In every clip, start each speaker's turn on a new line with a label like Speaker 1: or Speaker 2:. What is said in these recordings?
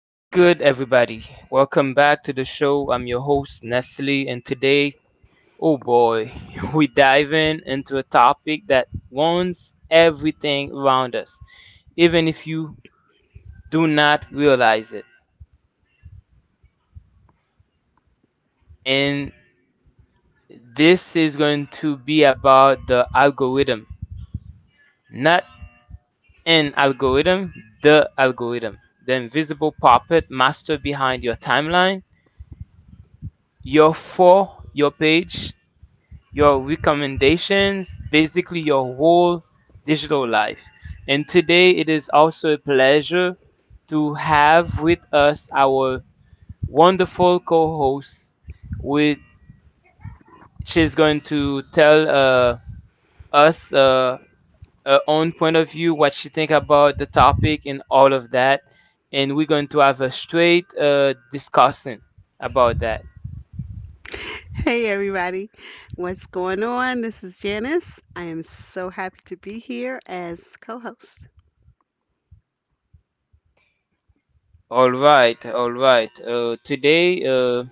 Speaker 1: What's good, everybody? Welcome back to the show. I'm your host, Nestle, and today, oh boy, we dive in into a topic that warns everything around us, even if you do not realize it. And this is going to be about the algorithm, not an algorithm, the invisible puppet master behind your timeline, your for, your page, your recommendations, basically your whole digital life. And today it is also a pleasure to have with us our wonderful co host, which is going to tell us her own point of view, what she think about the topic and all of that. And we're going to have a straight discussion about that.
Speaker 2: Hey everybody, what's going on? This is Janice. I am so happy to be here as co host.
Speaker 1: All right, all right. Today,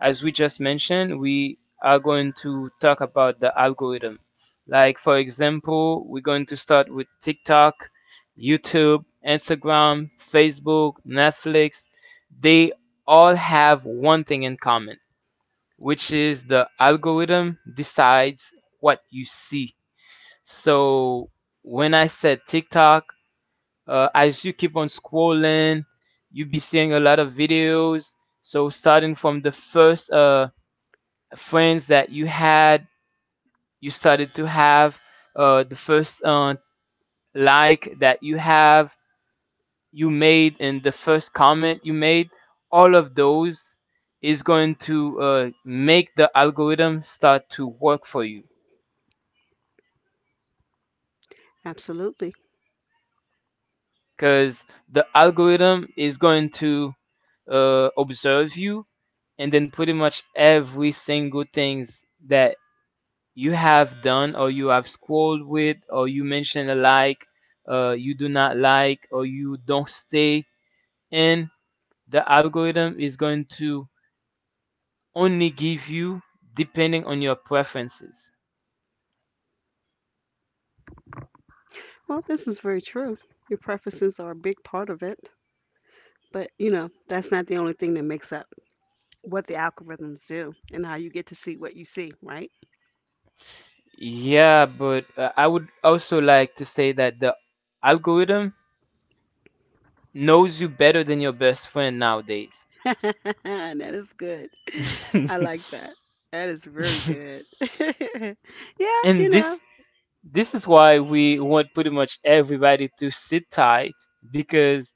Speaker 1: as we just mentioned, we are going to talk about the algorithm. Like, for example, we're going to start with TikTok, YouTube, Instagram, Facebook, Netflix. They all have one thing in common, which is the algorithm decides what you see. So when I said TikTok, as you keep on scrolling, you'll be seeing a lot of videos. So starting from the first friends that you had, you started to have the first like that you have, you made, and the first comment you made. All of those is going to make the algorithm start to work for you.
Speaker 2: Absolutely.
Speaker 1: Because the algorithm is going to observe you and then pretty much every single things that you have done or you have scrolled with or you mentioned a like you do not like or you don't stay and the algorithm is going to only give you depending on your preferences.
Speaker 2: Well, this is very true. Your preferences are a big part of it, but you know, that's not the only thing that makes up what the algorithms do and how you get to see what you see, right?
Speaker 1: Yeah, but I would also like to say that the algorithm knows you better than your best friend nowadays.
Speaker 2: That is good. I like that. That is very good. Yeah, you
Speaker 1: And this
Speaker 2: know.
Speaker 1: this is why we want pretty much everybody to sit tight because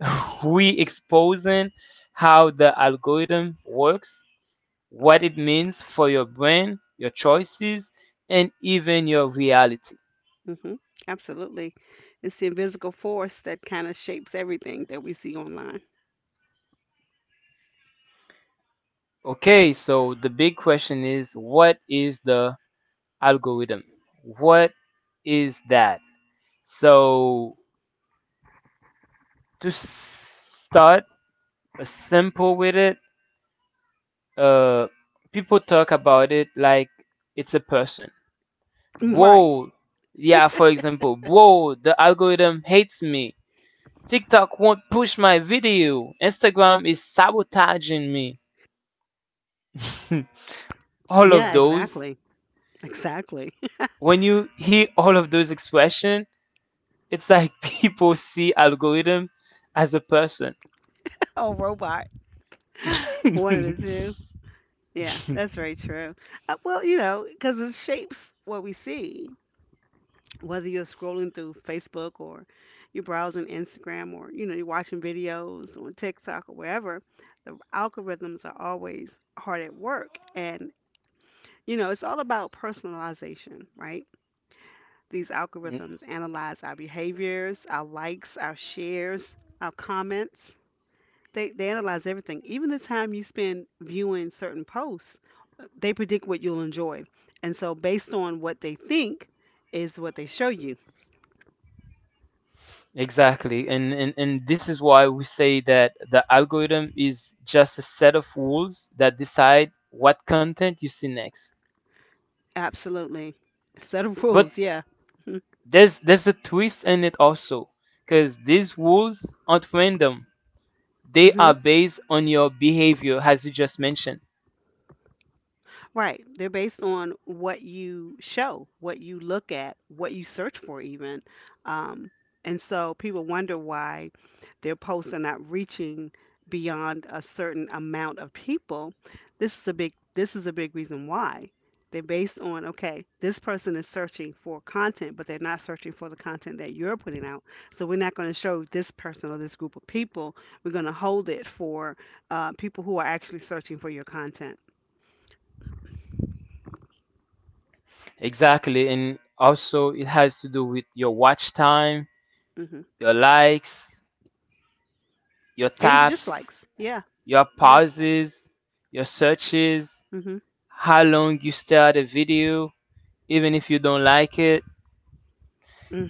Speaker 1: we exposing how the algorithm works, what it means for your brain, your choices, and even your reality.
Speaker 2: Hmm. Absolutely. It's the invisible force that kind of shapes everything that we see online.
Speaker 1: Okay, so the big question is what is the algorithm? What is that? So to s- start simple with it, uh people talk about it like it's a person.
Speaker 2: Right.
Speaker 1: Bro, yeah, for example, bro, the algorithm hates me. TikTok won't push my video. Instagram is sabotaging me. All of
Speaker 2: Yeah,
Speaker 1: those,
Speaker 2: exactly. Exactly.
Speaker 1: when you hear all of those expression, it's like people see algorithm as a person.
Speaker 2: Oh, robot. One of the two. Yeah, that's very true. Well, you know, because it shapes what we see, whether you're scrolling through Facebook or you're browsing Instagram or, you know, you're watching videos on TikTok or wherever, the algorithms are always hard at work. And, you know, it's all about personalization, right? These algorithms analyze our behaviors, our likes, our shares, our comments. They analyze everything, even the time you spend viewing certain posts. They predict what you'll enjoy, and so based on what they think is what they show you.
Speaker 1: Exactly. And this is why we say that the algorithm is just a set of rules that decide what content you see next.
Speaker 2: Absolutely, set of
Speaker 1: But
Speaker 2: rules. Yeah.
Speaker 1: there's a twist in it also because these rules aren't random. They
Speaker 2: Hmm.
Speaker 1: are based on your behavior as you just mentioned.
Speaker 2: Right. They're based on what you show, what you look at, what you search for, even. Um, and so people wonder why their posts are not reaching beyond a certain amount of people. This is a big reason why. They're based on, okay, this person is searching for content, but they're not searching for the content that you're putting out. So we're not going to show this person or this group of people. We're going to hold it for people who are actually searching for your content.
Speaker 1: Exactly. And also it has to do with your watch time,
Speaker 2: Mm-hmm.
Speaker 1: your likes, your
Speaker 2: And just likes.
Speaker 1: taps,
Speaker 2: Yeah.
Speaker 1: your
Speaker 2: Yeah.
Speaker 1: pauses, your searches,
Speaker 2: Mhm.
Speaker 1: how long you stay at a video, even if you don't like it.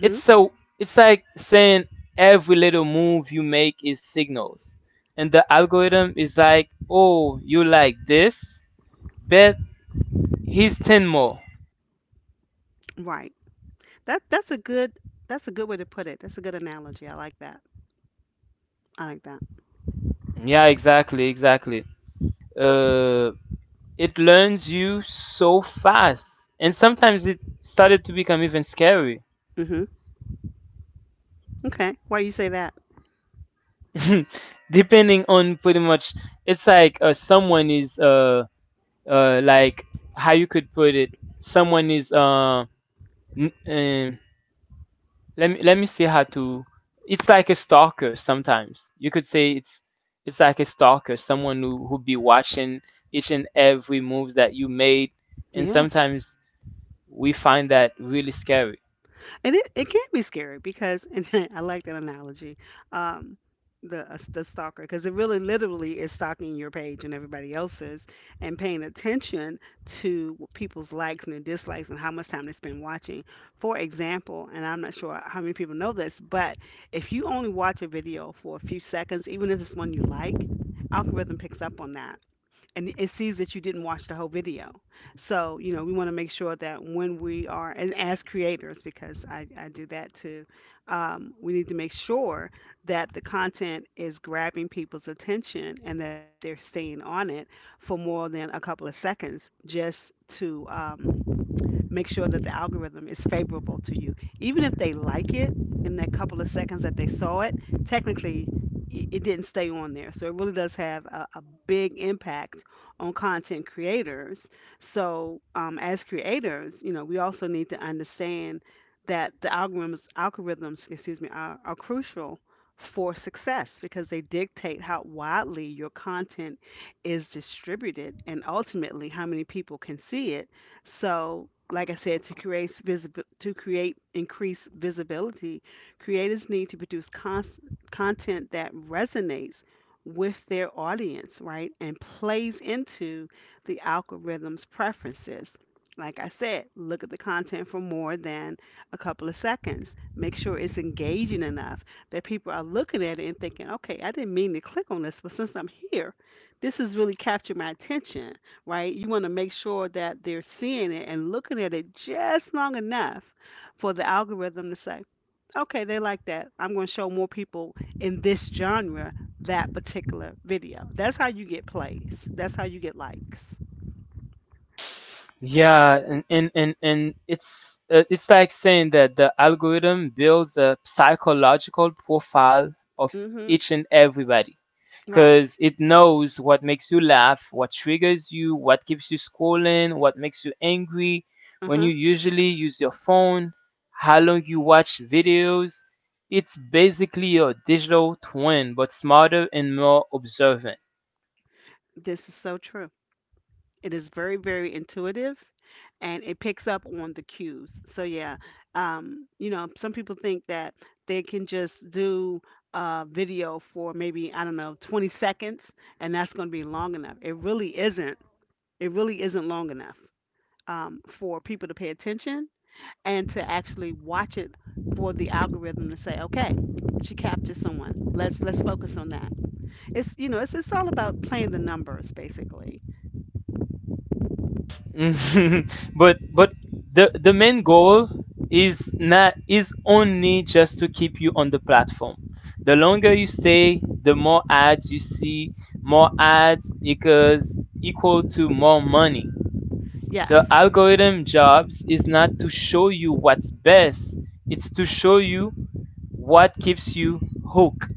Speaker 1: It's so it's like saying every little move you make is signals. And the algorithm is like, "Oh, you like this? Bet he's 10 more."
Speaker 2: Right. That that's a good that's a good way to put it. That's a good analogy. I like that. I like that.
Speaker 1: Yeah, exactly. Uh it learns you so fast. And sometimes it started to become even scary.
Speaker 2: Mhm. Okay. Why you say that?
Speaker 1: Depending on pretty much, it's like someone is like how you could put it, someone is N- um, let me see how to. It's like a stalker sometimes. You could say it's like a stalker, someone who be watching each and every moves that you made, and
Speaker 2: Yeah.
Speaker 1: sometimes we find that really scary.
Speaker 2: And it can be scary because and I like that analogy, um, the stalker because it really literally is stalking your page and everybody else's, and paying attention to people's likes and their dislikes and how much time they spend watching. For example, and I'm not sure how many people know this, but if you only watch a video for a few seconds, even if it's one you like, algorithm picks up on that and it sees that you didn't watch the whole video. So, you know, we want to make sure that when we are, and as creators, because I do that too, we need to make sure that the content is grabbing people's attention and that they're staying on it for more than a couple of seconds just to. Make sure that the algorithm is favorable to you. Even if they like it in that couple of seconds that they saw it, technically it didn't stay on there. So it really does have a big impact on content creators. So as creators, you know, we also need to understand that the algorithms, algorithms, excuse me, are crucial for success because they dictate how widely your content is distributed and ultimately how many people can see it. So, like I said, to create to create increased visibility, creators need to produce content that resonates with their audience, right, and plays into the algorithm's preferences. Like I said, look at the content for more than a couple of seconds. Make sure it's engaging enough that people are looking at it and thinking, okay, I didn't mean to click on this, but since I'm here, this has really captured my attention, right? You want to make sure that they're seeing it and looking at it just long enough for the algorithm to say, okay, they like that. I'm going to show more people in this genre that particular video. That's how you get plays, that's how you get likes.
Speaker 1: Yeah, and it's like saying that the algorithm builds a psychological profile of
Speaker 2: Hmm.
Speaker 1: each and everybody
Speaker 2: Right.
Speaker 1: because it knows what makes you laugh, what triggers you, what keeps you scrolling, what makes you angry,
Speaker 2: Uh
Speaker 1: when
Speaker 2: huh.
Speaker 1: you usually use your phone, how long you watch videos. It's basically your digital twin, but smarter and more observant.
Speaker 2: This is so true. It is very, very intuitive and it picks up on the cues. So, yeah, you know, some people think that they can just do a video for maybe, I don't know, 20 seconds and that's going to be long enough. It really isn't. It really isn't long enough for people to pay attention and to actually watch it for the algorithm to say, okay, she captured someone. Let's focus on that. It's you know, it's all about playing the numbers basically.
Speaker 1: Mhm. But the main goal is not, is only just to keep you on the platform. The longer you stay, the more ads you see. More ads equals equal to more money. The
Speaker 2: Yes.
Speaker 1: algorithm jobs is not to show you what's best. It's to show you what keeps you hooked.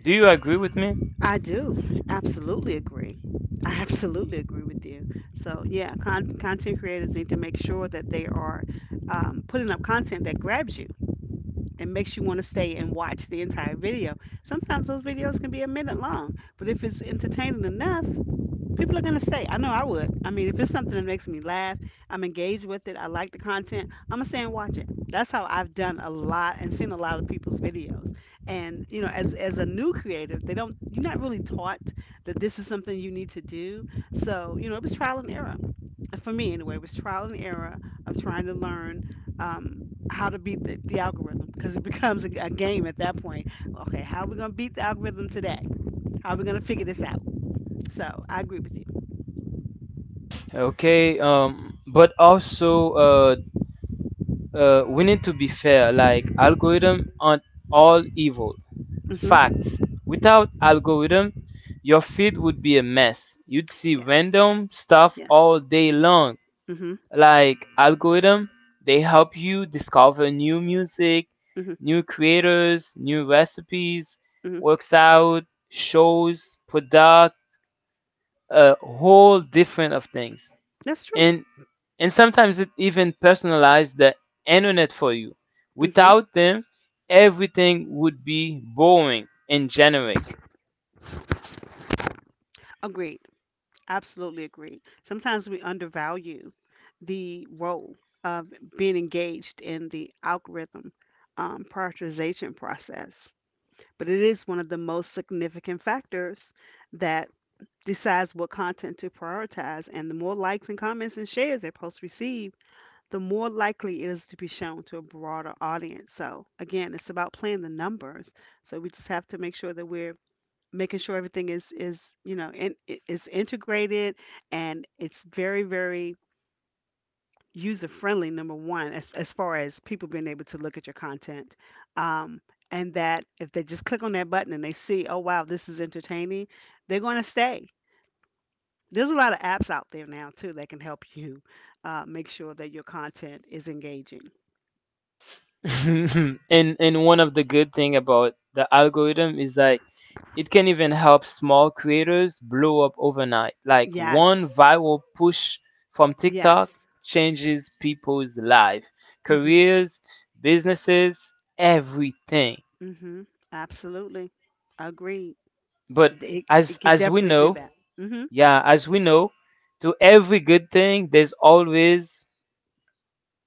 Speaker 1: Do you agree with me?
Speaker 2: I do absolutely agree. I absolutely agree with you. So yeah, content creators need to make sure that they are putting up content that grabs you and makes you want to stay and watch the entire video. Sometimes those videos can be a minute long, but if it's entertaining enough, people are going to stay. I know I would. I mean, if it's something that makes me laugh, I'm engaged with it, I like the content, I'm going to stay and watch it. That's how I've done a lot and seen a lot of people's videos. And, you know, as a new creative, they don't, you're not really taught that this is something you need to do. So, you know, it was trial and error. For me, anyway, it was trial and error of trying to learn how to beat the algorithm because it becomes a game at that point. Okay, how are we going to beat the algorithm today? How are we going to figure this out? So I agree with you.
Speaker 1: Okay, but also we need to be fair. Like algorithm aren't all evil.
Speaker 2: Mm-hmm.
Speaker 1: Facts. Without algorithm, your feed would be a mess. You'd see
Speaker 2: Yes.
Speaker 1: random stuff all
Speaker 2: Yes.
Speaker 1: day long.
Speaker 2: Mm-hmm.
Speaker 1: Like algorithm, they help you discover new music,
Speaker 2: Mm-hmm.
Speaker 1: new creators, new recipes,
Speaker 2: Mm-hmm.
Speaker 1: works out, shows, product, a whole different of things.
Speaker 2: That's true.
Speaker 1: And sometimes it even personalizes the internet for you.
Speaker 2: Mm-hmm.
Speaker 1: Without them, everything would be boring and generic.
Speaker 2: Agreed. Absolutely agreed. Sometimes we undervalue the role of being engaged in the algorithm prioritization process, but it is one of the most significant factors that decides what content to prioritize. And the more likes and comments and shares a post receives, the more likely it is to be shown to a broader audience. So again, it's about playing the numbers. So we just have to make sure that we're making sure everything is you know in, is integrated and it's very very user friendly. Number one, as far as people being able to look at your content. Um, and that if they just click on that button and they see, oh wow, this is entertaining, they're going to stay. There's a lot of apps out there now too that can help you make sure that your content is engaging.
Speaker 1: And one of the good thing about the algorithm is like it can even help small creators blow up overnight. Like one
Speaker 2: Yes.
Speaker 1: viral push from TikTok
Speaker 2: Yes.
Speaker 1: changes people's life,
Speaker 2: Mm-hmm.
Speaker 1: careers, businesses, everything.
Speaker 2: Mm-hmm. Absolutely. Agreed.
Speaker 1: But
Speaker 2: It
Speaker 1: as
Speaker 2: can
Speaker 1: as we
Speaker 2: definitely do
Speaker 1: know,
Speaker 2: that. Mm-hmm.
Speaker 1: yeah, as we know, to every good thing, there's always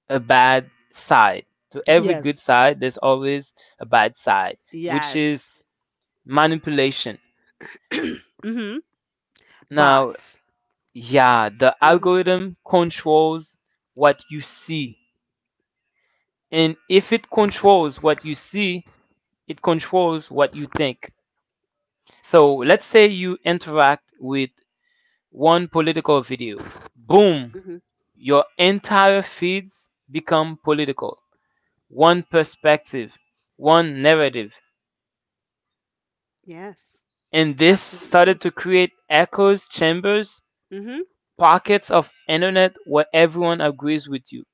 Speaker 1: a bad side. To every good
Speaker 2: Yes.
Speaker 1: side, there's always a bad side, which
Speaker 2: Yes.
Speaker 1: is manipulation.
Speaker 2: Mm-hmm.
Speaker 1: Now,
Speaker 2: Bots.
Speaker 1: yeah, the
Speaker 2: Mm-hmm.
Speaker 1: algorithm controls what you see. And if it controls what you see, it controls what you think. So let's say you interact with one political video. Boom,
Speaker 2: Mm-hmm.
Speaker 1: your entire feeds become political, one perspective, one narrative.
Speaker 2: Yes.
Speaker 1: And this
Speaker 2: Absolutely true.
Speaker 1: started to create echoes, chambers,
Speaker 2: Mm-hmm.
Speaker 1: pockets of internet where everyone agrees with you.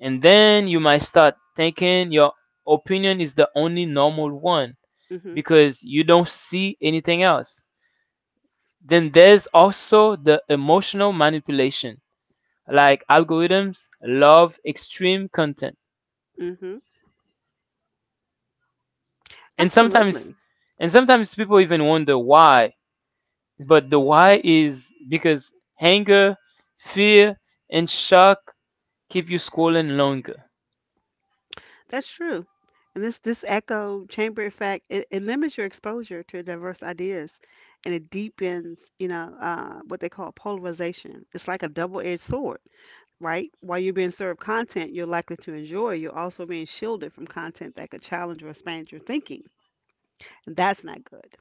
Speaker 1: And then you might start thinking your opinion is the only normal one
Speaker 2: Mm-hmm.
Speaker 1: because you don't see anything else. Then there's also the emotional manipulation. Like algorithms love extreme content.
Speaker 2: Mm-hmm.
Speaker 1: And sometimes
Speaker 2: Absolutely.
Speaker 1: and sometimes people even wonder why. But the why is because anger, fear, and shock keep you scrolling longer.
Speaker 2: That's true. And this echo chamber effect, it limits your exposure to diverse ideas and it deepens, you know, what they call polarization. It's like a double-edged sword. Right? While you're being served content you're likely to enjoy, you're also being shielded from content that could challenge or expand your thinking. And that's not good.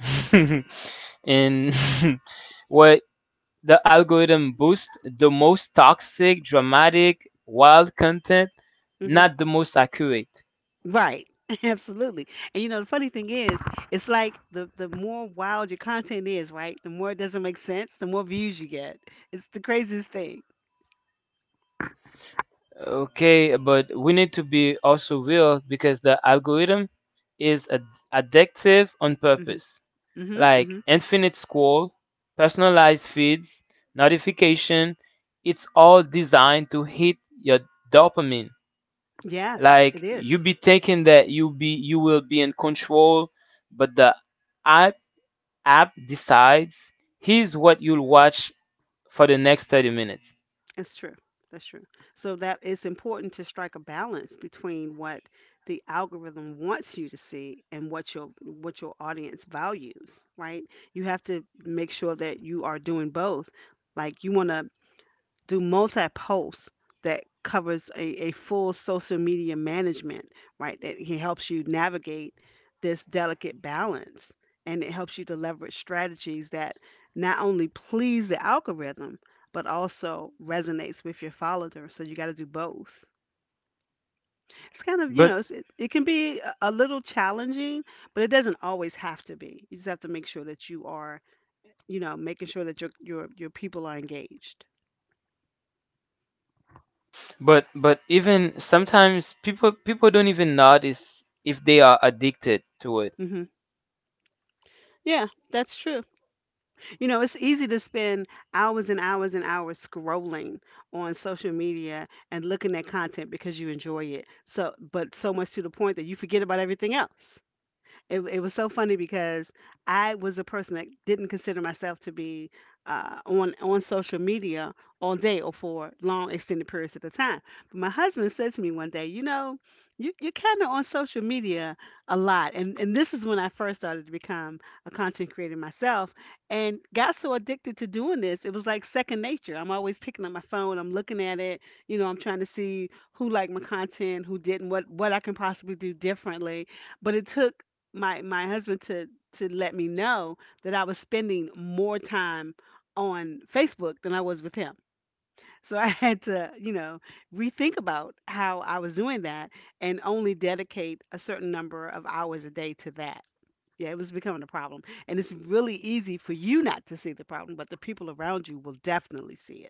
Speaker 1: And what the algorithm boosts, the most toxic, dramatic, wild content,
Speaker 2: Hmm.
Speaker 1: not the most accurate.
Speaker 2: Right. Absolutely. And you know, the funny thing is, it's like the more wild your content is, right? The more it doesn't make sense, the more views you get. It's the craziest thing.
Speaker 1: Okay, but we need to be also real because the algorithm is addictive on
Speaker 2: Hmm.
Speaker 1: purpose.
Speaker 2: Hmm.
Speaker 1: Like
Speaker 2: Hmm.
Speaker 1: infinite scroll, personalized feeds, notification. It's all designed to hit your dopamine.
Speaker 2: Yes, it
Speaker 1: Like you
Speaker 2: is.
Speaker 1: be thinking that you will be in control, but the app app decides here's what you'll watch for the next 30 minutes.
Speaker 2: That's true. That's true. So that it's important to strike a balance between what the algorithm wants you to see and what your audience values, right? You have to make sure that you are doing both. Like you want to do multi posts that covers a full social media management, right? That he helps you navigate this delicate balance and it helps you to leverage strategies that not only please the algorithm but also resonates with your followers. So you got to do both. It's kind of, you
Speaker 1: But
Speaker 2: know, it's, it can be a little challenging, but it doesn't always have to be. You just have to make sure that you are, you know, making sure that your people are engaged.
Speaker 1: but even sometimes people don't even notice if they are addicted to it.
Speaker 2: Hmm. Yeah, that's true. You know, it's easy to spend hours and hours and hours scrolling on social media and looking at content because you enjoy it. So, but so much to the point that you forget about everything else. It was so funny because I was a person that didn't consider myself to be on social media all day or for long extended periods at the time. But my husband said to me one day, you know, you, you're kind of on social media a lot, and this is when I first started to become a content creator myself, and got so addicted to doing this, it was like second nature. I'm always picking up my phone, I'm looking at it, I'm trying to see who liked my content, who didn't, what I can possibly do differently, but it took my husband to let me know that I was spending more time on Facebook than I was with him. So I had to, you know, rethink about how I was doing that and only dedicate a certain number of hours a day to that. Yeah, it was becoming a problem. And it's really easy for you not to see the problem, but the people around you will definitely see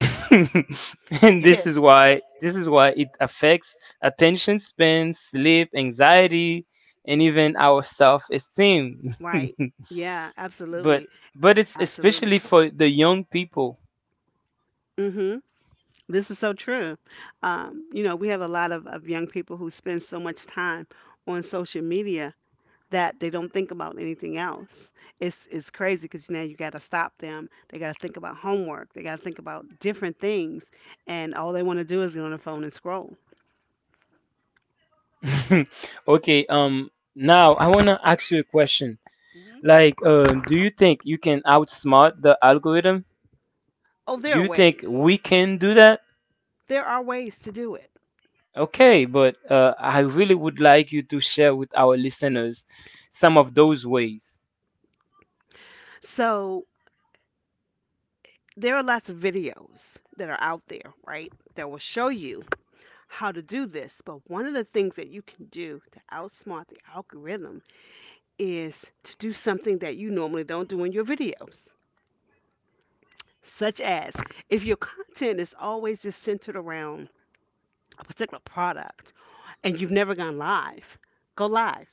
Speaker 1: And this
Speaker 2: it.
Speaker 1: is why this is why it affects attention span, sleep, anxiety, and even our self-esteem.
Speaker 2: Right. Yeah,
Speaker 1: but
Speaker 2: absolutely.
Speaker 1: but it's
Speaker 2: Absolutely.
Speaker 1: especially for the young people.
Speaker 2: Mhm. This is so true. You know, we have a lot of young people who spend so much time on social media that they don't think about anything else. It's crazy because now you got to stop them. They got to think about homework. They got to think about different things, and all they want to do is get on their phone and scroll.
Speaker 1: Okay, now I want to ask you a question.
Speaker 2: Hmm.
Speaker 1: Like do you think you can outsmart the algorithm?
Speaker 2: Oh, there
Speaker 1: Do
Speaker 2: are
Speaker 1: you
Speaker 2: ways.
Speaker 1: think we can do that?
Speaker 2: There are ways to do it.
Speaker 1: Okay, but I really would like you to share with our listeners some of those ways.
Speaker 2: So there are lots of videos that are out there, right, that will show you how to do this. But one of the things that you can do to outsmart the algorithm is to do something that you normally don't do in your videos, such as if your content is always just centered around a particular product and you've never gone live, go live.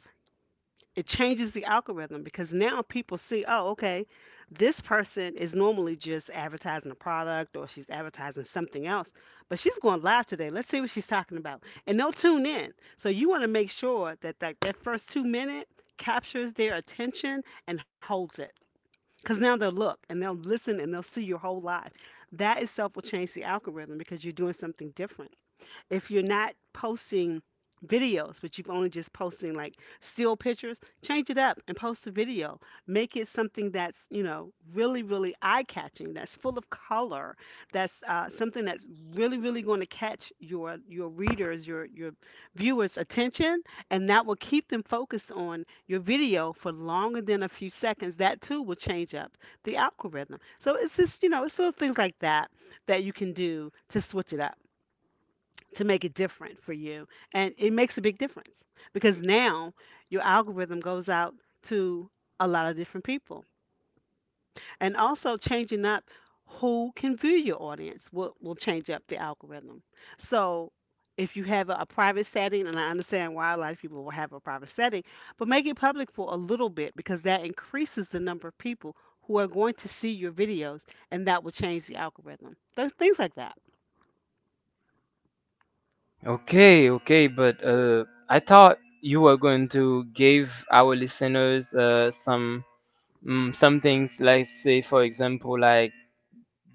Speaker 2: It changes the algorithm because now people see, oh, okay, this person is normally just advertising a product or she's advertising something else, but she's going live today. Let's see what she's talking about. And they'll tune in. So you want to make sure that, that first two-minute captures their attention and holds it. Because now they'll look and they'll listen and they'll see your whole life. That itself will change the algorithm because you're doing something different. If you're not posting videos, but you've only just posting like still pictures, change it up and post a video. Make it something that's, you know, really, really eye catching, that's full of color, that's something that's really, really going to catch your your readers, your viewers' attention, and that will keep them focused on your video for longer than a few seconds. That too will change up the algorithm. So it's just, you know, it's little things like that that you can do to switch it up to make it different for you. And it makes a big difference because now your algorithm goes out to a lot of different people. And also changing up who can view your audience will change up the algorithm. So if you have a private setting, and I understand why a lot of people will have a private setting, but make it public for a little bit because that increases the number of people who are going to see your videos and that will change the algorithm. Those things like that.
Speaker 1: Okay, okay, but I thought you were going to give our listeners some some things, like say for example, like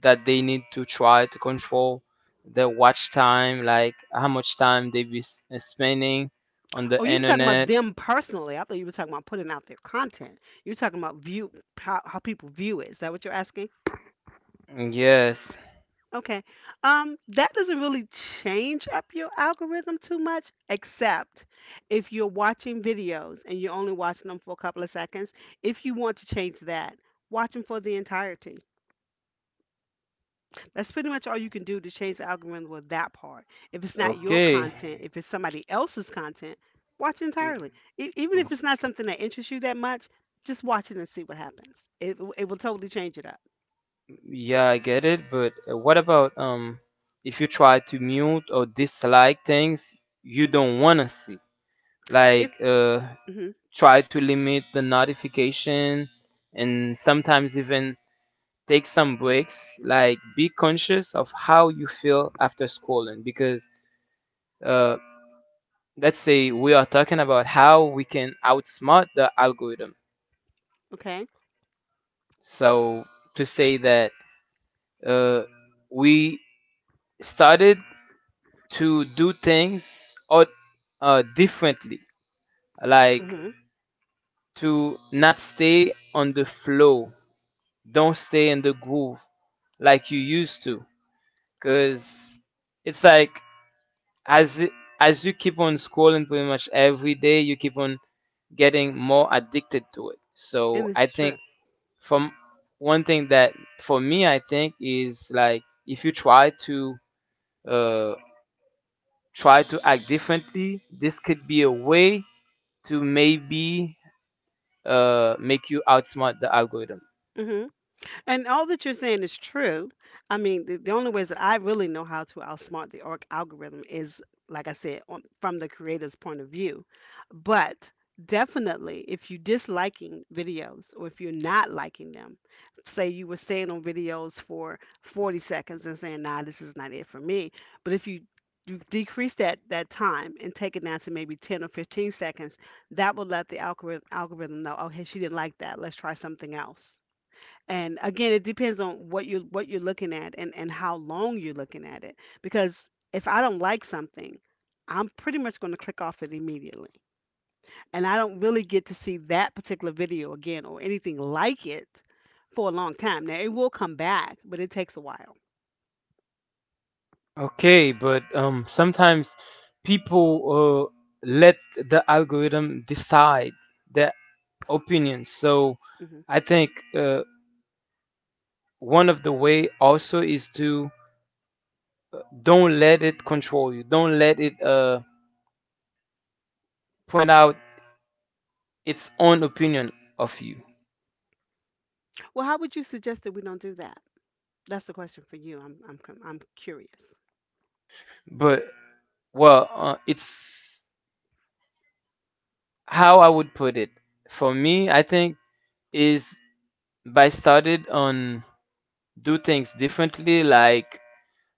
Speaker 1: that they need to try to control their watch time, like how much time they be spending on the
Speaker 2: Oh, you were talking about
Speaker 1: internet.
Speaker 2: them personally. I thought you were talking about putting out their content. You're talking about view how people view it. Is that what you're asking?
Speaker 1: Yes.
Speaker 2: Okay. That doesn't really change up your algorithm too much, except if you're watching videos and you're only watching them for a couple of seconds. If you want to change that, watch them for the entirety. That's pretty much all you can do to change the algorithm with that part. If it's not your
Speaker 1: Okay.
Speaker 2: content, if it's somebody else's content, watch entirely.
Speaker 1: Mm,
Speaker 2: Even if it's
Speaker 1: mm,
Speaker 2: not something that interests you that much, just watch it and see what happens. It will totally change it up.
Speaker 1: yeah, I get it, but what about if you try to mute or dislike things you don't want to see?
Speaker 2: If
Speaker 1: Like
Speaker 2: hmm
Speaker 1: try to limit the notification and sometimes even take some breaks like be conscious of how you feel after scrolling because uh, let's say we are talking about how we can outsmart the algorithm.
Speaker 2: Okay,
Speaker 1: So to say that uh, we started to do things or differently, like
Speaker 2: hmm
Speaker 1: to not stay on the flow, don't stay in the groove like you used to because it's like as it, as you keep on scrolling pretty much every day, you keep on getting more addicted to it.
Speaker 2: and
Speaker 1: So
Speaker 2: this
Speaker 1: I
Speaker 2: is
Speaker 1: think
Speaker 2: true.
Speaker 1: from one thing that for me I think is like if you try to uh, try to act differently, this could be a way to maybe make you outsmart the algorithm.
Speaker 2: hmm And all that you're saying is true. I mean, the only ways that I really know how to outsmart the org algorithm is, like I said, on, from the creator's point of view. But definitely, if you disliking videos or if you're not liking them, say you were staying on videos for 40 seconds and saying, nah, this is not it for me. But if you you decrease that time and take it down to maybe 10 or 15 seconds that will let the algorithm know, oh hey, she didn't like that, let's try something else. And again, it depends on what you're looking at and how long you're looking at it. Because if I don't like something, I'm pretty much going to click off it immediately. And I don't really get to see that particular video again or anything like it for a long time. Now it will come back, but it takes a while.
Speaker 1: Okay, but sometimes people let the algorithm decide their opinions. So
Speaker 2: Hmm.
Speaker 1: I think one of the way also is to don't let it control you. Don't let it point out its own opinion of you.
Speaker 2: Well, how would you suggest that we don't do that? That's the question for you. I'm curious.
Speaker 1: But, well, it's how I would put it. For me, I think is by started on do things differently. Like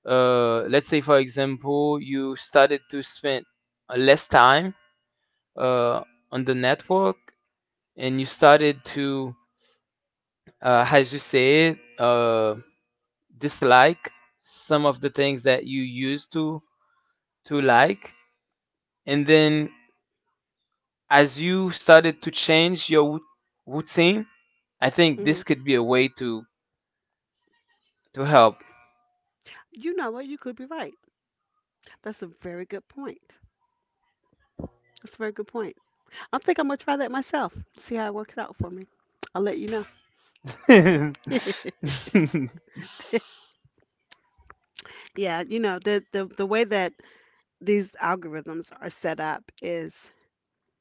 Speaker 1: let's say for example, you started to spend less time uh, on the network and you started to as you said, dislike some of the things that you used to like, and then as you started to change your routine, I think this
Speaker 2: Hmm.
Speaker 1: could be a way to help.
Speaker 2: You know what? You could be right. That's a very good point. That's a very good point. I think I'm gonna try that myself. See how it works out for me. I'll let you know. Yeah, you know, the way that these algorithms are set up is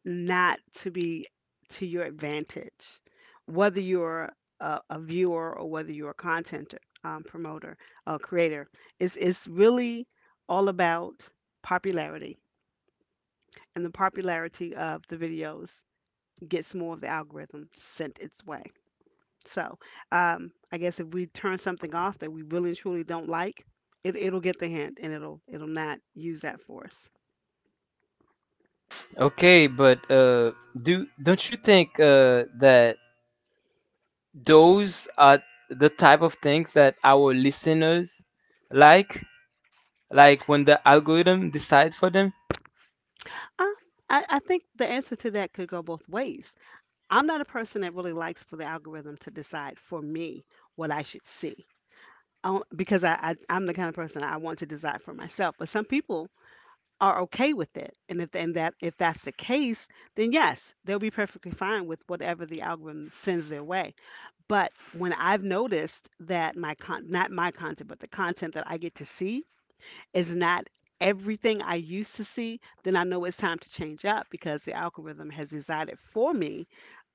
Speaker 2: not to be to your advantage, whether you're a viewer or whether you're a content promoter or creator. It's really all about popularity, and the popularity of the videos gets more of the algorithm sent its way. So I guess if we turn something off that we really and truly don't like, it'll get the hint and it'll not use that for us.
Speaker 1: Okay, but do don't you think that those are the type of things that our listeners like, like when the algorithm decide for them?
Speaker 2: Uh, I think the answer to that could go both ways. I'm not a person that really likes for the algorithm to decide for me what I should see. Because I'm the kind of person I want to decide for myself. But some people are okay with it, and if and that if that's the case, then yes, they'll be perfectly fine with whatever the algorithm sends their way. But when I've noticed that my con, not my content, but the content that I get to see is not everything I used to see, then I know it's time to change up because the algorithm has decided for me,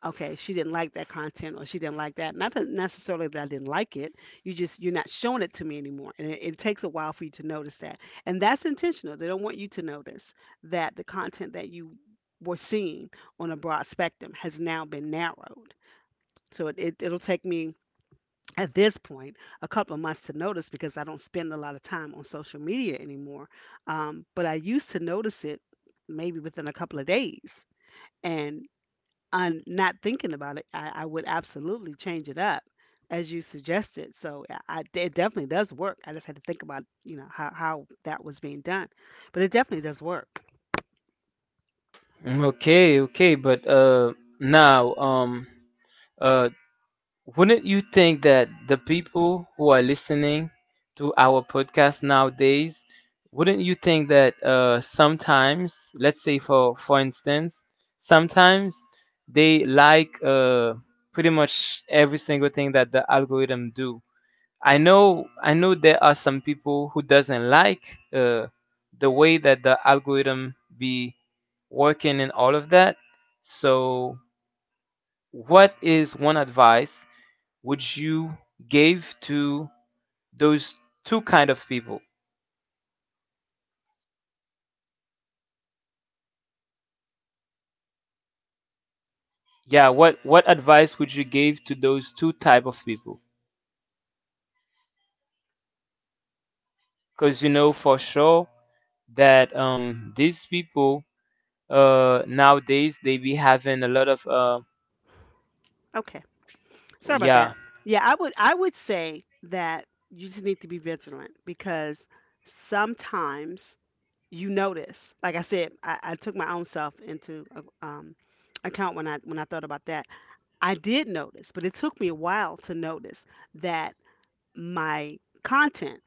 Speaker 2: okay, she didn't like that content or she didn't like that. Not that necessarily that I didn't like it. You just you're not showing it to me anymore. And it takes a while for you to notice that. And that's intentional. They don't want you to notice that the content that you were seeing on a broad spectrum has now been narrowed. So it'll take me at this point a couple of months to notice because I don't spend a lot of time on social media anymore. But I used to notice it maybe within a couple of days. And I'm not thinking about it, I would absolutely change it up as you suggested. So it definitely does work. I just had to think about, you know, how that was being done. But it definitely does work.
Speaker 1: Okay, okay, but now uh wouldn't you think that the people who are listening to our podcast nowadays, wouldn't you think that sometimes, let's say for instance, sometimes they like pretty much every single thing that the algorithm do. I know there are some people who doesn't like the way that the algorithm be working in all of that. So, what is one advice would you give to those two kind of people? Yeah, what advice would you give to those two type of people? Because you know for sure that these people nowadays they be having a lot of
Speaker 2: Okay. Sorry about that.
Speaker 1: yeah.
Speaker 2: Yeah, I would say that you just need to be vigilant because sometimes you notice. Like I said, I took my own self into account when I thought about that. I did notice, but it took me a while to notice that my content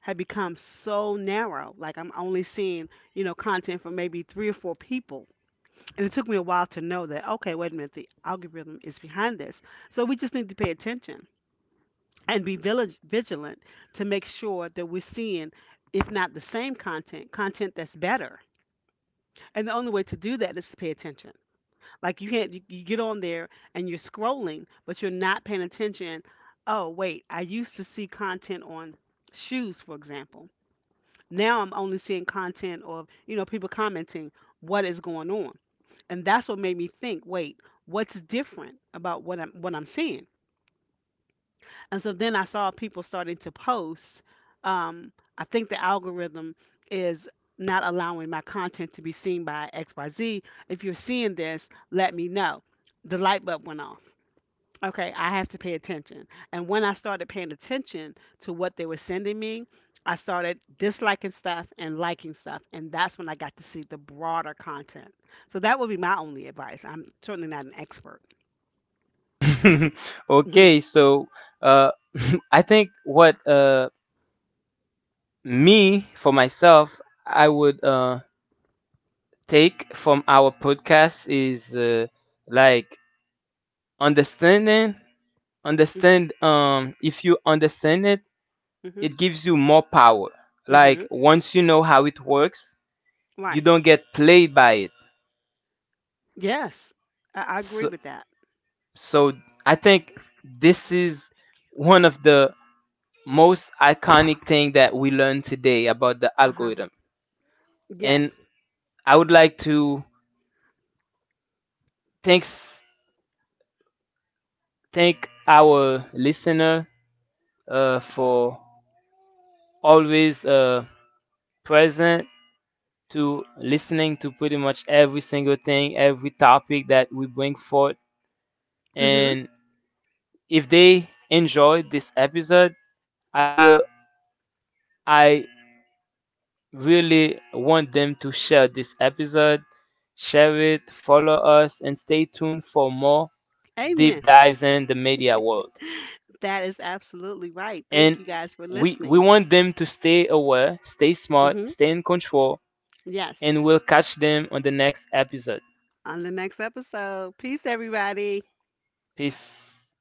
Speaker 2: had become so narrow. Like I'm only seeing, you know, content from maybe three or four people, and it took me a while to know that, okay, wait a minute, the algorithm is behind this. So we just need to pay attention and be vigilant to make sure that we're seeing, if not the same content, content that's better. And the only way to do that is to pay attention. Like you can't, you get on there and you're scrolling, but you're not paying attention. Oh, wait, I used to see content on shoes, for example. Now I'm only seeing content of, you know, people commenting what is going on. And that's what made me think, wait, what's different about what I'm seeing? And so then I saw people starting to post. I think the algorithm is not allowing my content to be seen by XYZ. If you're seeing this, let me know. The light bulb went off. Okay, I have to pay attention. And when I started paying attention to what they were sending me, I started disliking stuff and liking stuff. And that's when I got to see the broader content. So that would be my only advice. I'm certainly not an expert. Hmm.
Speaker 1: Okay, so uh I think what me for myself I would take from our podcast is like understanding
Speaker 2: Hmm.
Speaker 1: understand if you understand it,
Speaker 2: Hmm.
Speaker 1: it gives you more power. Like
Speaker 2: Hmm.
Speaker 1: once you know how it works, you
Speaker 2: Right.
Speaker 1: don't get played by it.
Speaker 2: Yes, I agree
Speaker 1: so,
Speaker 2: with that.
Speaker 1: so I think this is one of the most iconic thing that we learned today about the
Speaker 2: Uh huh.
Speaker 1: algorithm. And
Speaker 2: Yes.
Speaker 1: I would like to thanks thank our listener for always present to listening to pretty much every single thing, every topic that we bring forth.
Speaker 2: Mm
Speaker 1: And if they enjoyed this episode, I will, I really want them to share this episode, share it, follow us, and stay tuned for more
Speaker 2: hmm.
Speaker 1: deep
Speaker 2: Amen.
Speaker 1: dives in the media world.
Speaker 2: That is absolutely right.
Speaker 1: And
Speaker 2: Thank you guys for
Speaker 1: we
Speaker 2: listening.
Speaker 1: want them to stay aware, stay
Speaker 2: Mm
Speaker 1: smart,
Speaker 2: hmm.
Speaker 1: stay in control,
Speaker 2: Yes.
Speaker 1: and we'll catch them on the next episode.
Speaker 2: On the next episode. Peace, everybody.
Speaker 1: Peace.